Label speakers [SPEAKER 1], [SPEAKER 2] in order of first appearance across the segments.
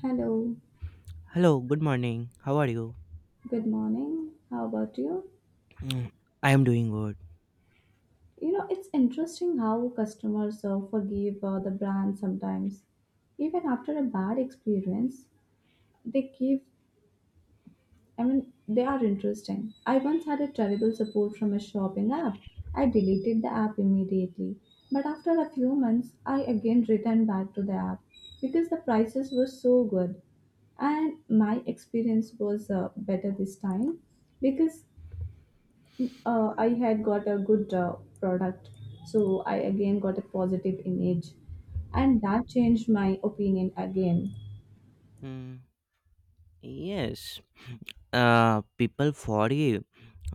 [SPEAKER 1] Hello,
[SPEAKER 2] Hello, good morning. How are you?
[SPEAKER 1] good morning. How about you?
[SPEAKER 2] Mm, I am doing good.
[SPEAKER 1] You know, it's interesting how customers forgive the brand sometimes. Even after a bad experience, they give, I mean, they are interesting. I once had a terrible support from a shopping app. I deleted the app immediately. But after a few months, I again returned back to the app because the prices were so good and my experience was better this time because I had got a good product, so I again got a positive image, and that changed my opinion again.
[SPEAKER 2] Mm, yes, people forgive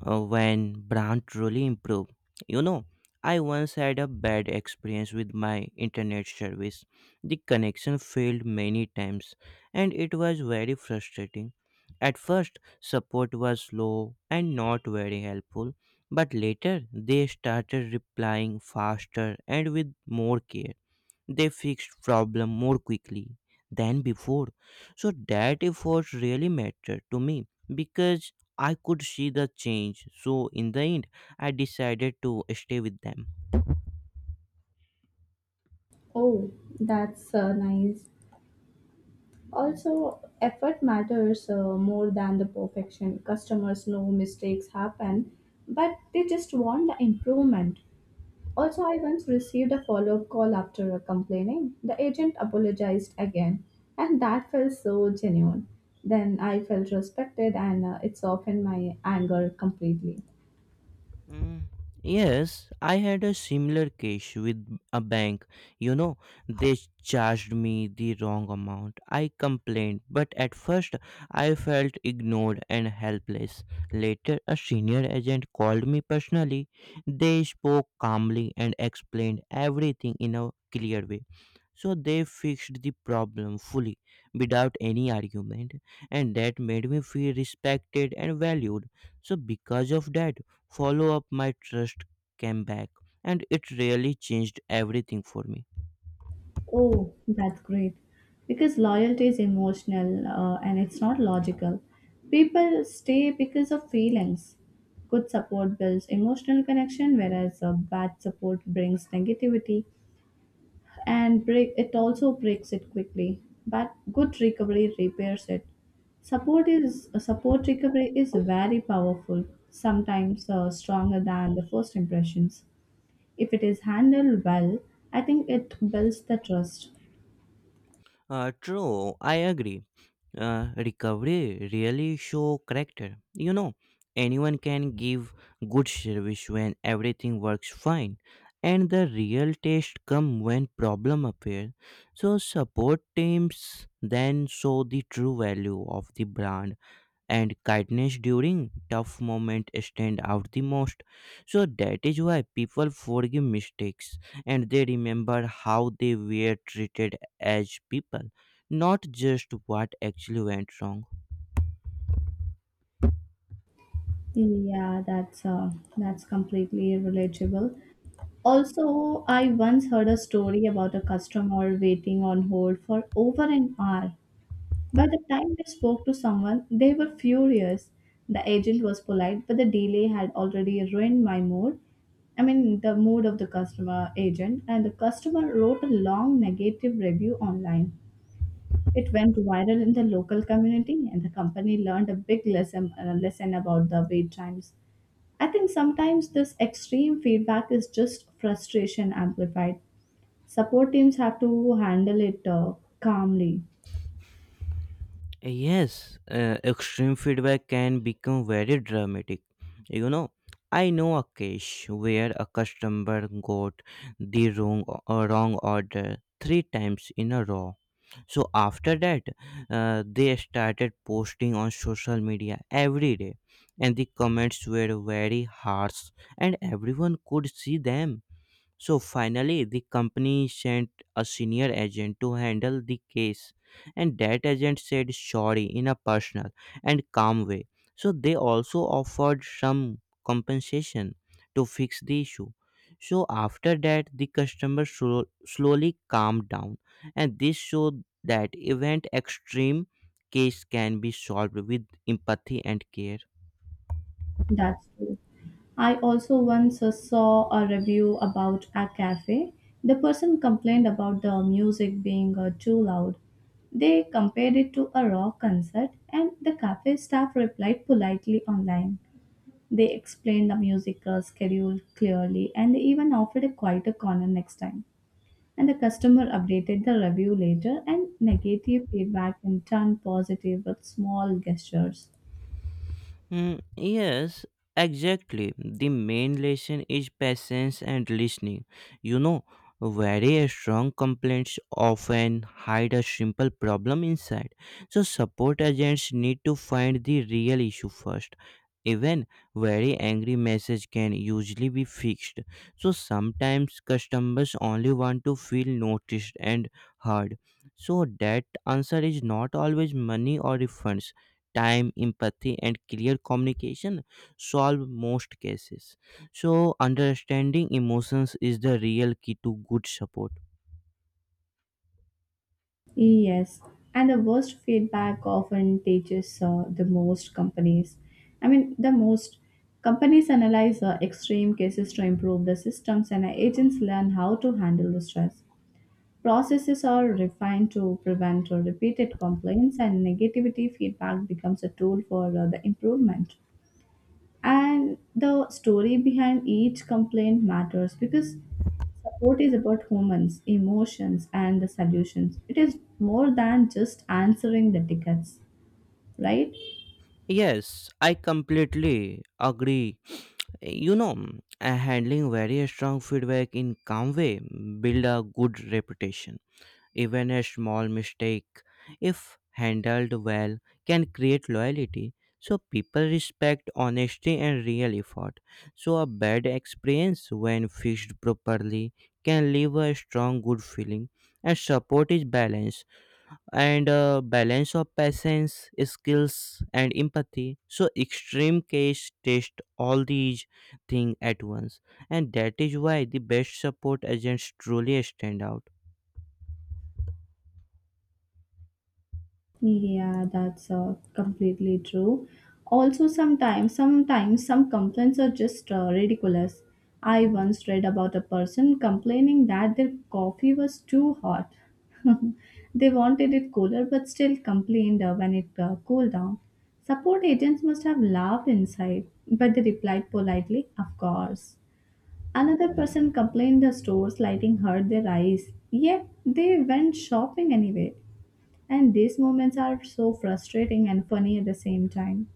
[SPEAKER 2] when brand truly improve. You know, I once had a bad experience with my internet service. The connection failed many times, and it was very frustrating. At first, support was slow and not very helpful, but later they started replying faster and with more care. They fixed problem more quickly than before, so that effort really mattered to me because I could see the change. So in the end, I decided to stay with them.
[SPEAKER 1] Oh, that's nice. Also, effort matters more than the perfection. Customers know mistakes happen, but they just want the improvement. Also, I once received a follow up call after complaining. The agent apologized again, and that felt so genuine. Then I felt respected, and it softened my anger completely.
[SPEAKER 2] Mm, Yes, I had a similar case with a bank. You know, they charged me the wrong amount. I complained, but at first I felt ignored and helpless. Later, a senior agent called me personally. They spoke calmly and explained everything in a clear way. So they fixed the problem fully without any argument, and that made me feel respected and valued. So, because of that, follow up my trust came back, and it really changed everything for me.
[SPEAKER 1] Oh, that's great. Because loyalty is emotional and it's not logical. People stay because of feelings. Good support builds emotional connection, whereas bad support brings negativity. And breaks it quickly, but good recovery repairs it. Support recovery is very powerful, sometimes stronger than the first impressions. If it is handled well, I think it builds the trust.
[SPEAKER 2] True, I agree. Recovery really show character, you know. Anyone can give good service when everything works fine, and the real test come when problem appear. So support teams then show the true value of the brand, and kindness during tough moments stand out the most. So that is why people forgive mistakes, and they remember how they were treated as people, not just what actually went wrong.
[SPEAKER 1] yeah that's uh, that's completely relatable. Also, I once heard a story about a customer waiting on hold for over an hour. By the time they spoke to someone, they were furious. The agent was polite, but the delay had already ruined my mood. I mean, the mood of the customer agent, and the customer wrote a long negative review online. It went viral in the local community, and the company learned a big lesson about the wait times. I think sometimes this extreme feedback is just frustration amplified. Support teams have to handle it calmly.
[SPEAKER 2] Yes, extreme feedback can become very dramatic. You know, I know a case where a customer got the wrong order 3 times in a row. So after that, they started posting on social media every day, and the comments were very harsh, and everyone could see them. So finally, the company sent a senior agent to handle the case, and that agent said sorry in a personal and calm way. So they also offered some compensation to fix the issue. So after that, the customer slowly calmed down, and this showed that event extreme case can be solved with empathy and care.
[SPEAKER 1] That's true. I also once saw a review about a cafe. The person complained about the music being too loud. They compared it to a rock concert, and the cafe staff replied politely online. They explained the music schedule clearly, and they even offered a quieter corner next time. And the customer updated the review later, and negative feedback can turn positive with small gestures.
[SPEAKER 2] Yes, exactly. The main lesson is patience and listening. You know, very strong complaints often hide a simple problem inside. So, support agents need to find the real issue first. Even very angry message can usually be fixed. So sometimes customers only want to feel noticed and heard. So that answer is not always money or refunds. Time, empathy, and clear communication solve most cases. So, understanding emotions is the real key to good support.
[SPEAKER 1] Yes, and the worst feedback often teaches the most companies. I mean, the most companies analyze extreme cases to improve the systems, and agents learn how to handle the stress. Processes are refined to prevent repeated complaints, and negativity feedback becomes a tool for the improvement, and the story behind each complaint matters because support is about humans emotions and the solutions. It is more than just answering the tickets, right?
[SPEAKER 2] Yes, I completely agree. You know, handling very strong feedback in calm way build a good reputation. Even a small mistake, if handled well, can create loyalty. So people respect honesty and real effort. So a bad experience, when fixed properly, can leave a strong good feeling. And support is balance and balance of patience, skills, and empathy. So extreme case test all these things at once, and that is why the best support agents truly stand out.
[SPEAKER 1] Yeah, that's completely true. Also, sometimes some complaints are just ridiculous. I once read about a person complaining that their coffee was too hot. They wanted it cooler, but still complained when it cooled down. Support agents must have laughed inside, but they replied politely, "Of course." Another person complained the store's lighting hurt their eyes, yet they went shopping anyway. And these moments are so frustrating and funny at the same time.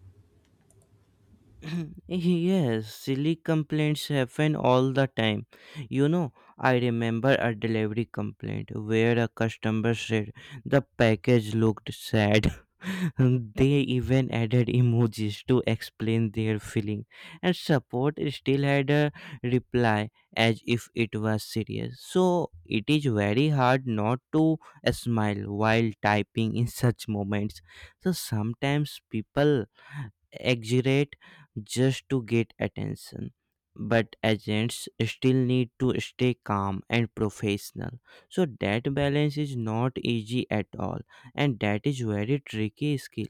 [SPEAKER 2] Yes, silly complaints happen all the time. You know, I remember a delivery complaint where a customer said the package looked sad. They even added emojis to explain their feeling, and support still had a reply as if it was serious. So it is very hard not to smile while typing in such moments. So sometimes people exaggerate just to get attention. But agents still need to stay calm and professional. So that balance is not easy at all, and that is very tricky skill.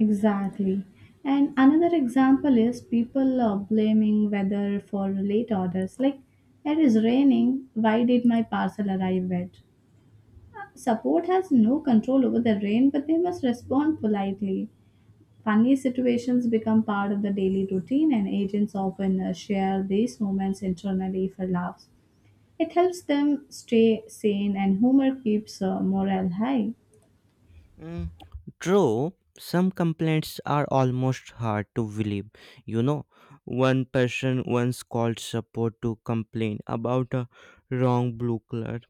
[SPEAKER 1] Exactly. And another example is people blaming weather for late orders. Like, it is raining, why did my parcel arrive wet? Support has no control over the rain, but they must respond politely. Funny situations become part of the daily routine, and agents often share these moments internally for laughs. It helps them stay sane, and humor keeps morale high.
[SPEAKER 2] Mm, True, some complaints are almost hard to believe. You know, one person once called support to complain about a wrong blue color.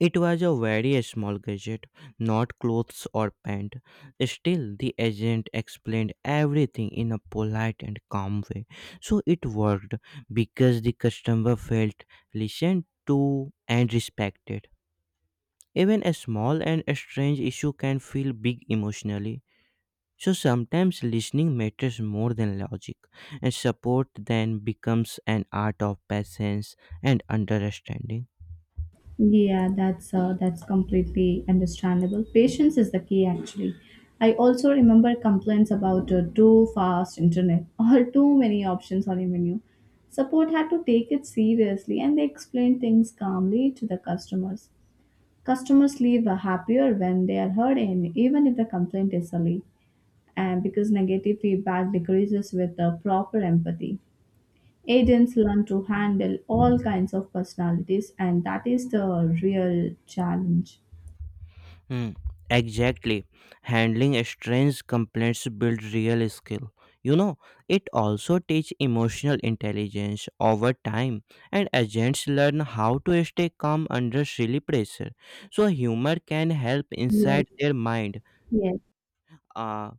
[SPEAKER 2] It was a very small gadget, not clothes or pants. Still, the agent explained everything in a polite and calm way. So it worked because the customer felt listened to and respected. Even a small and strange issue can feel big emotionally. So sometimes listening matters more than logic, and support then becomes an art of patience and understanding.
[SPEAKER 1] That's completely understandable. Patience is the key, actually. I also remember complaints about too fast internet or too many options on a menu. Support had to take it seriously, and they explained things calmly to the customers. Customers leave happier when they are heard, even if the complaint is silly, and because negative feedback decreases with proper empathy. Agents learn to handle all kinds of personalities, and that is the real challenge.
[SPEAKER 2] Hmm, Exactly. Handling strange complaints builds real skill. You know, it also teaches emotional intelligence over time, and agents learn how to stay calm under silly pressure. So, humor can help
[SPEAKER 1] Yes,
[SPEAKER 2] inside their mind.
[SPEAKER 1] yes,
[SPEAKER 2] Uh,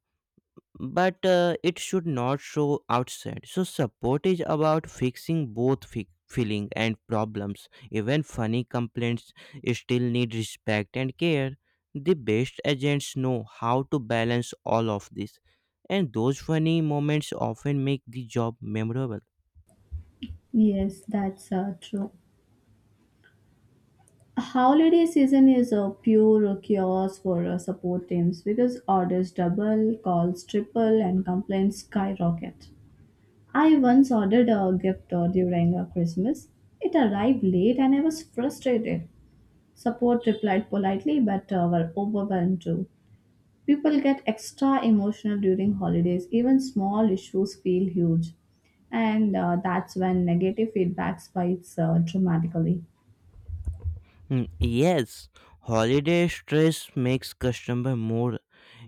[SPEAKER 2] but it should not show outside. So support is about fixing both feeling and problems. Even funny complaints still need respect and care. The best agents know how to balance all of this, and those funny moments often make the job memorable.
[SPEAKER 1] yes, that's true. Holiday season is a pure chaos for support teams because orders double, calls triple, and complaints skyrocket. I once ordered a gift during Christmas. It arrived late and I was frustrated. Support replied politely but were overwhelmed too. People get extra emotional during holidays, even small issues feel huge. And that's when negative feedback spikes dramatically.
[SPEAKER 2] Yes, holiday stress makes customer more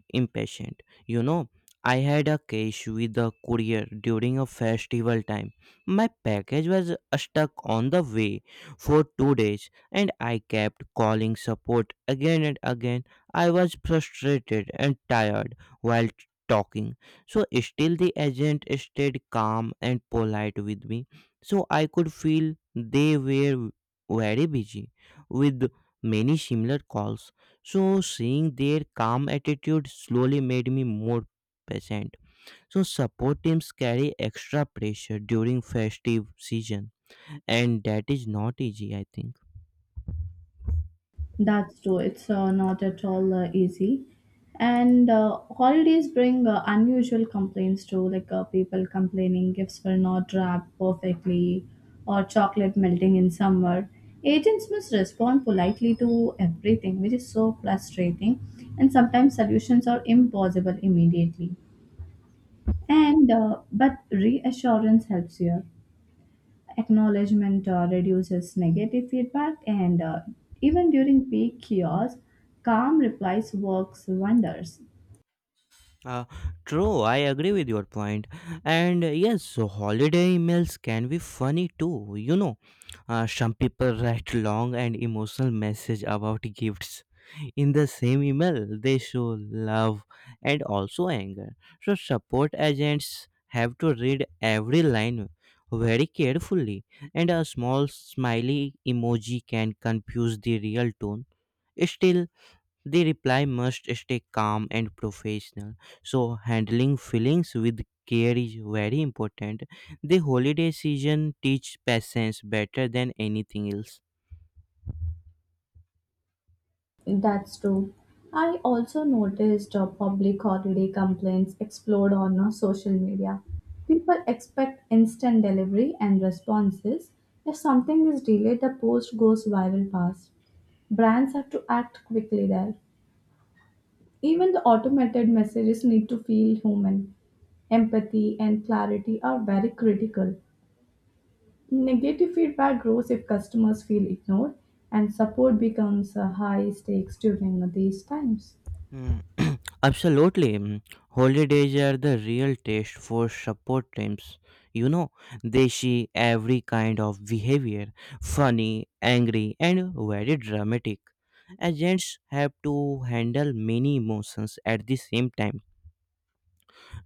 [SPEAKER 2] impatient. You know, I had a case with the courier during a festival time. My package was stuck on the way for 2 days, and I kept calling support again and again. I was frustrated and tired while talking. So, still, the agent stayed calm and polite with me. So, I could feel they were very busy with many similar calls, so seeing their calm attitude slowly made me more patient. So support teams carry extra pressure during festive season, and that is not easy, I think.
[SPEAKER 1] That's true, it's not at all easy. And holidays bring unusual complaints too, like people complaining gifts were not wrapped perfectly or chocolate melting in summer. Agents must respond politely to everything, which is so frustrating, and sometimes solutions are impossible immediately. And but reassurance helps here. Acknowledgement reduces negative feedback, and even during peak chaos, calm replies works wonders.
[SPEAKER 2] Uh, True, I agree with your point. And yes, so holiday emails can be funny too. You know, some people write long and emotional message about gifts. In the same email, they show love and also anger, so support agents have to read every line very carefully, and a small smiley emoji can confuse the real tone. Still, the reply must stay calm and professional. So handling feelings with care is very important. The holiday season teaches patience better than anything else.
[SPEAKER 1] That's true. I also noticed public holiday complaints explode on social media. People expect instant delivery and responses. If something is delayed, the post goes viral fast. Brands have to act quickly there. Even the automated messages need to feel human. Empathy and clarity are very critical. Negative feedback grows if customers feel ignored, and support becomes high stakes during these times.
[SPEAKER 2] Absolutely. Mm. Holidays are the real test for support teams. You know, they see every kind of behavior: funny, angry, and very dramatic. Agents have to handle many emotions at the same time.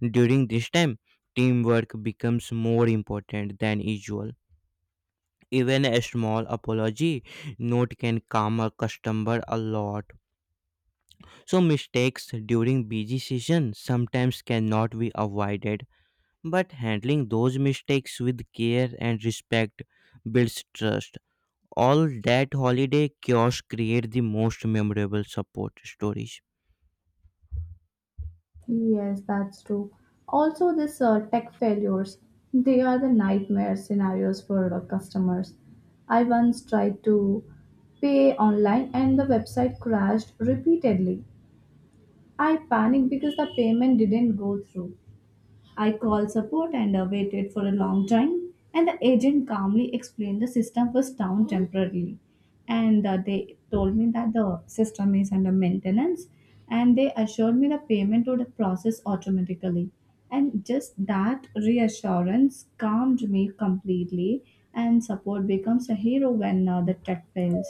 [SPEAKER 2] During this time, teamwork becomes more important than usual. Even a small apology note can calm a customer a lot. So mistakes during busy season sometimes cannot be avoided, but handling those mistakes with care and respect builds trust. All that holiday chaos create the most memorable support stories.
[SPEAKER 1] Yes, that's true. Also, this tech failures, they are the nightmare scenarios for customers. I once tried to pay online and the website crashed repeatedly. I panicked because the payment didn't go through. I called support and waited for a long time, and the agent calmly explained the system was down temporarily. And they told me that the system is under maintenance, and they assured me the payment would process automatically. And just that reassurance calmed me completely, and support becomes a hero when the tech fails.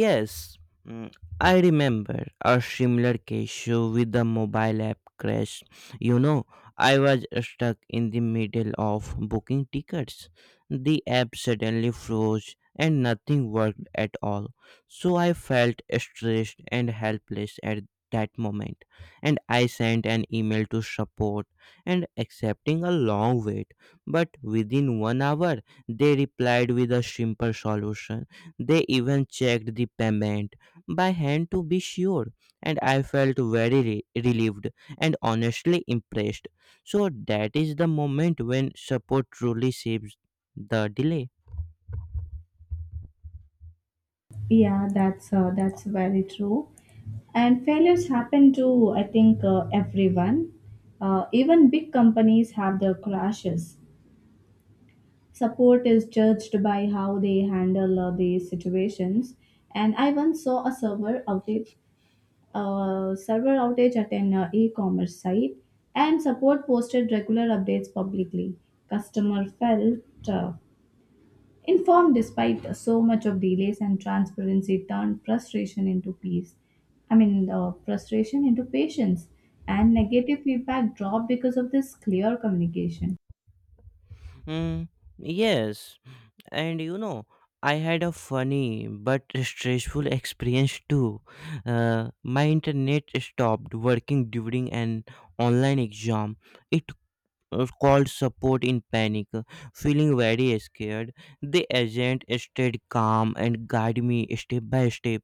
[SPEAKER 2] Yes, mm, I remember a similar case show with the mobile app crash. You know, I was stuck in the middle of booking tickets. The app suddenly froze and nothing worked at all. So I felt stressed and helpless at that moment. And I sent an email to support and accepting a long wait. But within 1 hour, they replied with a simple solution. They even checked the payment by hand to be sure, and I felt very relieved and honestly impressed. So, that is the moment when support truly saves the delay.
[SPEAKER 1] That's very true. And failures happen to, I think, everyone. Even big companies have their crashes. Support is judged by how they handle these situations. And I once saw a server outage at an e-commerce site, and support posted regular updates publicly. Customer felt uh, informed despite so much of delays, and transparency turned frustration into peace. I mean, frustration into patience, and negative feedback dropped because of this clear communication.
[SPEAKER 2] Mm, yes, and you know, I had a funny but stressful experience too. My internet stopped working during an online exam. It called support in panic, feeling very scared. The agent stayed calm and guided me step by step.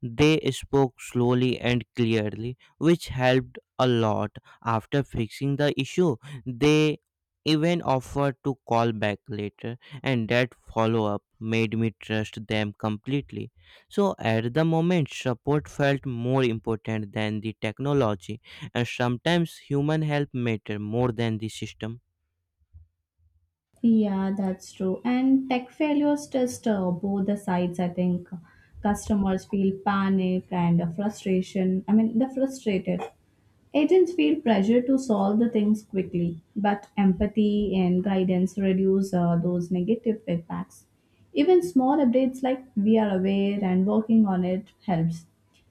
[SPEAKER 2] They spoke slowly and clearly, which helped a lot. After fixing the issue, they even offered to call back later, and that follow up made me trust them completely. So, at the moment, support felt more important than the technology, and sometimes human help matter more than the system.
[SPEAKER 1] Yeah, that's true. And tech failures test both the sides, I think. Customers feel panic and frustration. I mean, they're frustrated. Agents feel pressure to solve the things quickly, but empathy and guidance reduce those negative feedbacks. Even small updates like "we are aware and working on it" helps.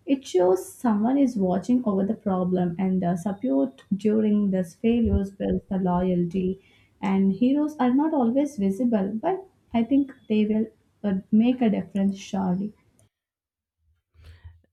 [SPEAKER 1] It shows someone is watching over the problem, and the support during these failures builds the loyalty. And heroes are not always visible, but I think they will make a difference surely.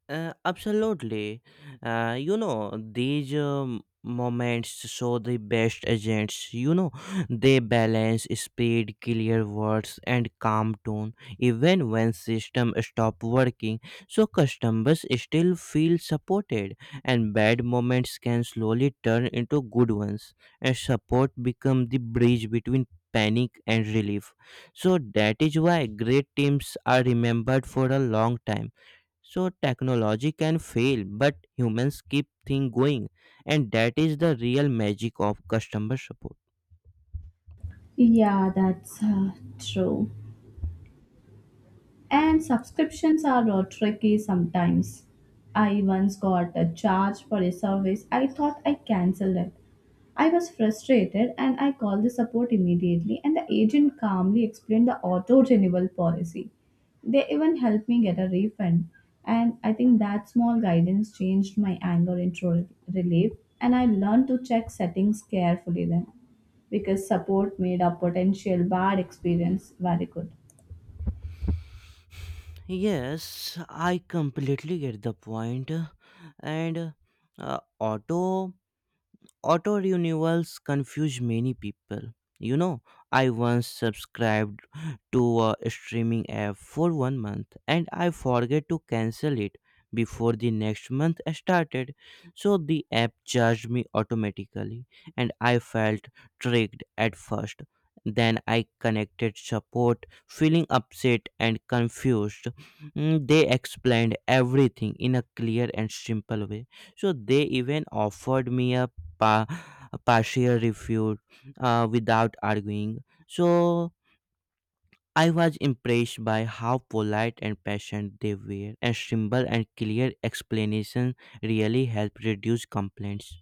[SPEAKER 2] Absolutely. You know, these moments show the best agents. You know, they balance speed, clear words, and calm tone, even when system stop working. So customers still feel supported, and bad moments can slowly turn into good ones, and support become the bridge between panic and relief. So that is why great teams are remembered for a long time. So technology can fail, but humans keep things going, and that is the real magic of customer support.
[SPEAKER 1] Yeah, that's true. And subscriptions are tricky sometimes. I once got a charge for a service. I thought I cancelled it. I was frustrated and I called the support immediately, and the agent calmly explained the auto renewal policy. They even helped me get a refund, and I think that small guidance changed my anger into relief, and I learned to check settings carefully then, because support made a potential bad experience very good.
[SPEAKER 2] Yes, I completely get the point, and uh, auto auto renewals confuse many people. You know, I once subscribed to a streaming app for one month, and I forget to cancel it before the next month started. So the app charged me automatically, and I felt tricked at first. Then I connected support, feeling upset and confused. They explained everything in a clear and simple way, so they even offered me a pa- partial refute without arguing. So I was impressed by how polite and patient they were, and simple and clear explanation really helped reduce complaints.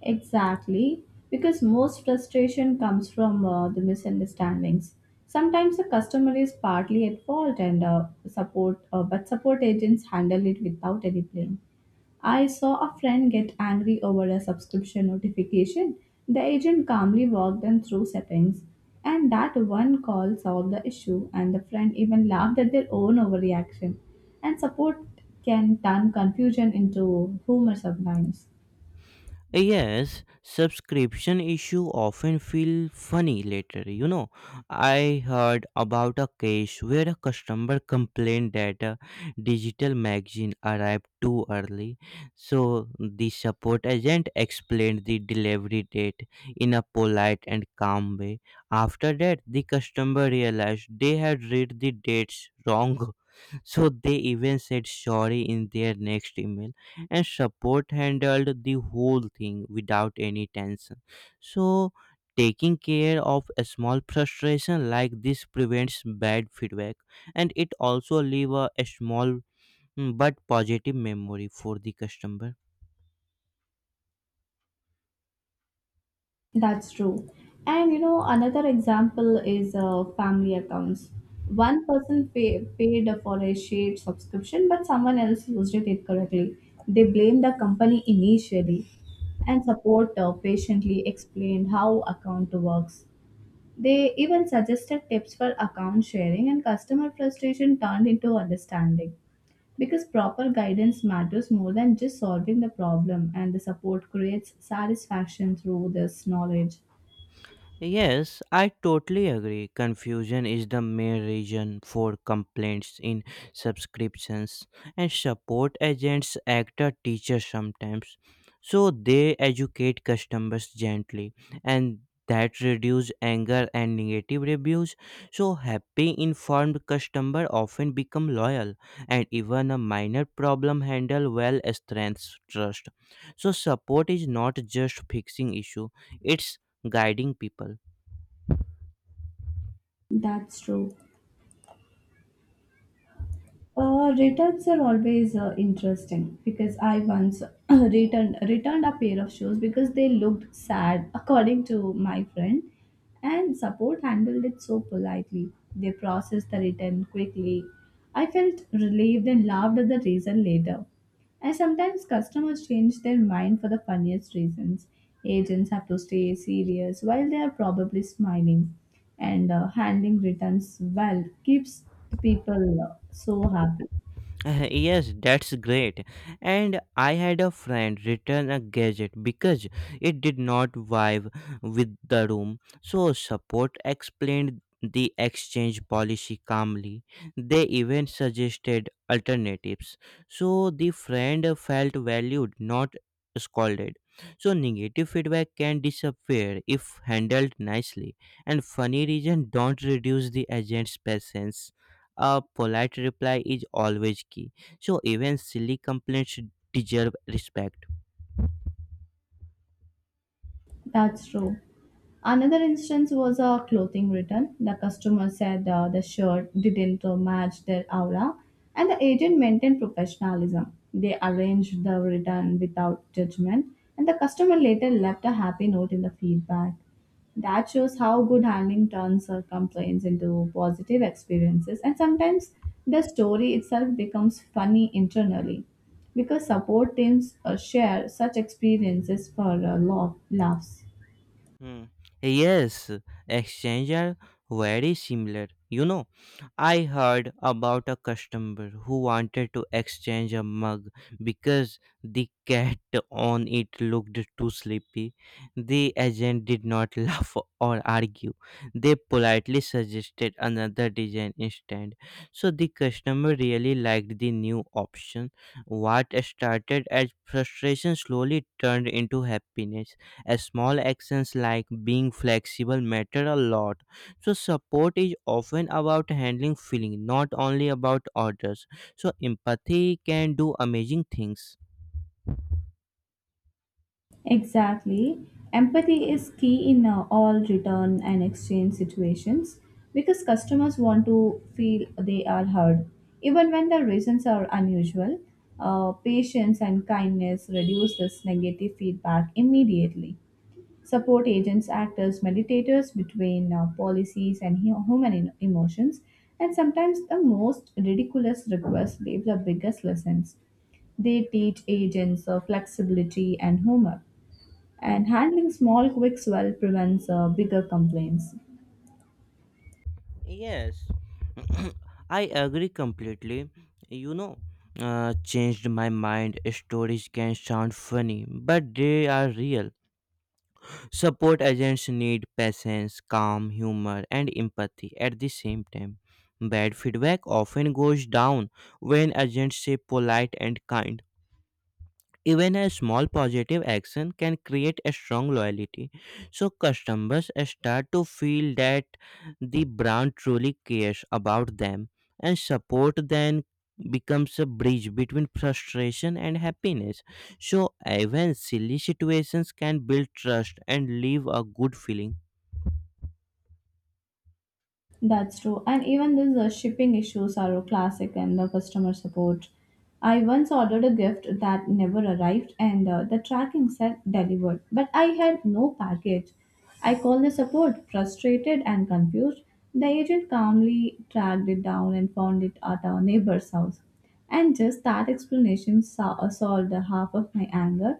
[SPEAKER 1] Exactly, because most frustration comes from the misunderstandings. Sometimes the customer is partly at fault, and but support agents handle it without any blame. I saw a friend get angry over a subscription notification. The agent calmly walked them through settings, and that one call solved the issue. And the friend even laughed at their own overreaction. And support can turn confusion into humor sometimes.
[SPEAKER 2] Yes, subscription issue often feel funny later. You know, I heard about a case where a customer complained that a digital magazine arrived too early. So the support agent explained the delivery date in a polite and calm way. After that, the customer realized they had read the dates wrong. So they even said sorry in their next email, and support handled the whole thing without any tension. So taking care of a small frustration like this prevents bad feedback, and it also leave a small, but positive memory for the customer.
[SPEAKER 1] That's true. And you know, another example is family accounts. One person paid for a shared subscription, but someone else used it incorrectly. They blamed the company initially, and support patiently explained how account works. They even suggested tips for account sharing, and customer frustration turned into understanding. Because proper guidance matters more than just solving the problem, and the support creates satisfaction through this knowledge.
[SPEAKER 2] Yes, I totally agree. Confusion is the main reason for complaints in subscriptions, and support agents act as teachers sometimes. So they educate customers gently, and that reduce anger and negative reviews. So happy, informed customer often become loyal, and even a minor problem handle well strengthens trust. So support is not just fixing issue; it's guiding people.
[SPEAKER 1] That's true. Returns are always interesting because I once returned a pair of shoes because they looked sad, according to my friend, and support handled it so politely. They processed the return quickly. I felt relieved and laughed at the reason later. And sometimes customers change their mind for the funniest reasons. Agents have to stay serious while they are probably smiling, and handling returns well keeps the people so happy.
[SPEAKER 2] Yes, that's great. And I had a friend return a gadget because it did not vibe with the room. So, support explained the exchange policy calmly. They even suggested alternatives. So, the friend felt valued, not scolded. So, negative feedback can disappear if handled nicely, and funny reason don't reduce the agent's patience. A polite reply is always key. So even silly complaints deserve respect.
[SPEAKER 1] That's true. Another instance was a clothing return. The customer said the shirt didn't match their aura, and the agent maintained professionalism. They arranged the return without judgment, and the customer later left a happy note in the feedback. That shows how good handling turns complaints into positive experiences, and sometimes the story itself becomes funny internally because support teams share such experiences for laughs.
[SPEAKER 2] Hmm. Yes, exchange are very similar. You know, I heard about a customer who wanted to exchange a mug because the cat on it looked too sleepy. The agent did not laugh or argue. They politely suggested another design instead. So the customer really liked the new option. What started as frustration slowly turned into happiness. A small actions like being flexible matter a lot. So support is often about handling feeling, not only about orders. So empathy can do amazing things.
[SPEAKER 1] Exactly. Empathy is key in all return and exchange situations because customers want to feel they are heard. Even when the reasons are unusual, patience and kindness reduce this negative feedback immediately. Support agents act as mediators between policies and human emotions, and sometimes the most ridiculous requests leave the biggest lessons. They teach agents flexibility and humor, and handling small quicks well prevents bigger complaints.
[SPEAKER 2] Yes, I agree completely. You know, changed my mind. Stories can sound funny, but they are real. Support agents need patience, calm, humor, and empathy at the same time. Bad feedback often goes down when agents say polite and kind. Even a small positive action can create a strong loyalty. So customers start to feel that the brand truly cares about them and support then becomes a bridge between frustration and happiness. So even silly situations can build trust and leave a good feeling.
[SPEAKER 1] That's true. And even these shipping issues are a classic in the customer support. I once ordered a gift that never arrived, and the tracking said delivered, but I had no package. I called the support, frustrated and confused. The agent calmly tracked it down and found it at our neighbor's house. And just that explanation solved half of my anger.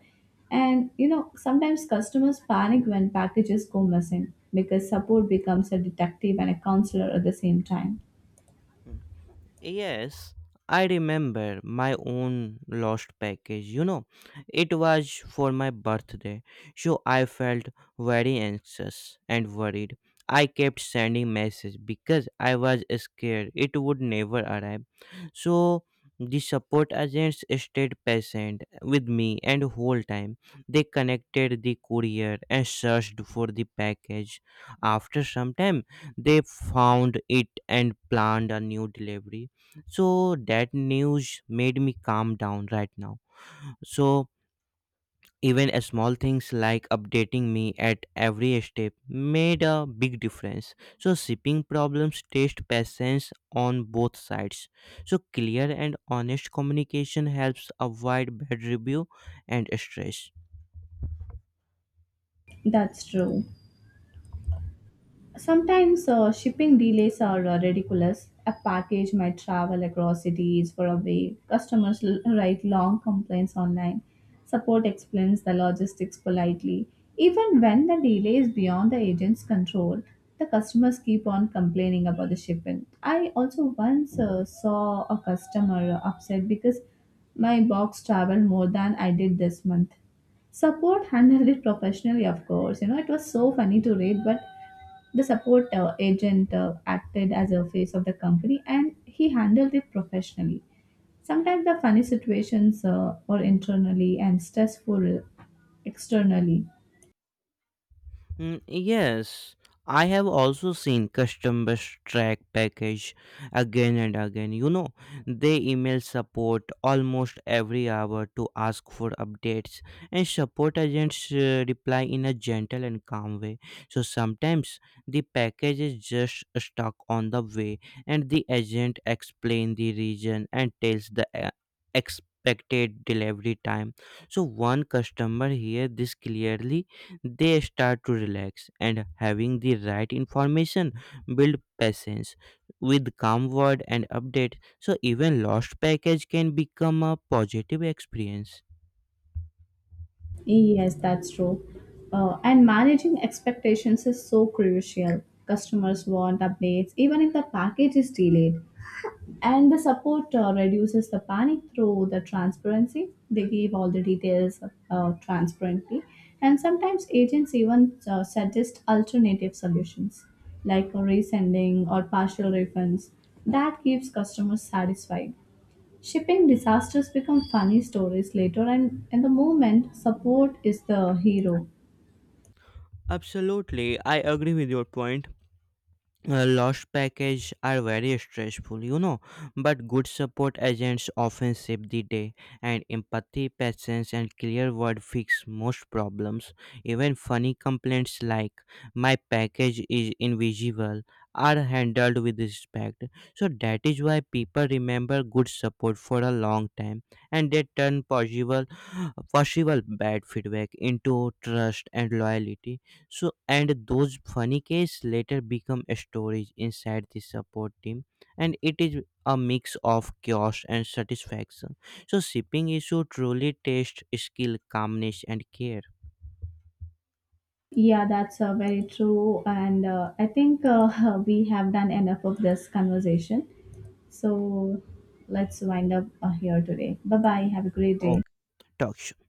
[SPEAKER 1] And you know, sometimes customers panic when packages go missing because support becomes a detective and a counselor at the same time.
[SPEAKER 2] Yes, I remember my own lost package. You know, it was for my birthday, so I felt very anxious and worried. I kept sending messages because I was scared it would never arrive. So the support agents stayed patient with me and whole time. They connected the courier and searched for the package. After some time, they found it and planned a new delivery so that news made me calm down right now. So even a small things like updating me at every step made a big difference. So shipping problems test patience on both sides. So clear and honest communication helps avoid bad review and stress.
[SPEAKER 1] That's true. Sometimes shipping delays are ridiculous. A package might travel across cities for a week. Customers write long complaints online. Support explains the logistics politely. Even when the delay is beyond the agent's control, the customers keep on complaining about the shipment. I also once saw a customer upset because "my box traveled more than I did this month." Support handled it professionally. Of course, you know, it was so funny to read, but the support agent acted as a face of the company and he handled it professionally. Sometimes the funny situations were internally and stressful externally.
[SPEAKER 2] Mm, yes, I have also seen customers track package again and again. You know, they email support almost every hour to ask for updates, and support agents reply in a gentle and calm way. So sometimes the package is just stuck on the way, and the agent explains the reason and tells the expected delivery time. So one customer hear this clearly, they start to relax, and having the right information build patience with calm word and update. So even lost package can become a positive experience.
[SPEAKER 1] Yes, that's true. And managing expectations is so crucial. Customers want updates even if the package is delayed. And the support reduces the panic through the transparency. They give all the details transparently. And sometimes agents even suggest alternative solutions like a resending or partial refunds. That keeps customers satisfied. Shipping disasters become funny stories later, and in the moment, support is the hero.
[SPEAKER 2] Absolutely, I agree with your point. Lost package are very stressful, you know, but good support agents often save the day, and empathy, patience, and clear word fix most problems. Even funny complaints like "my package is invisible" are handled with respect. So that is why people remember good support for a long time, and they turn possible bad feedback into trust and loyalty. So, and those funny cases later become stories inside the support team, and it is a mix of chaos and satisfaction. So, shipping issue truly tests skill, calmness, and care.
[SPEAKER 1] Yeah, that's very true. And I think we have done enough of this conversation. So let's wind up here today. Bye bye. Have a great day.
[SPEAKER 2] Okay, talk show.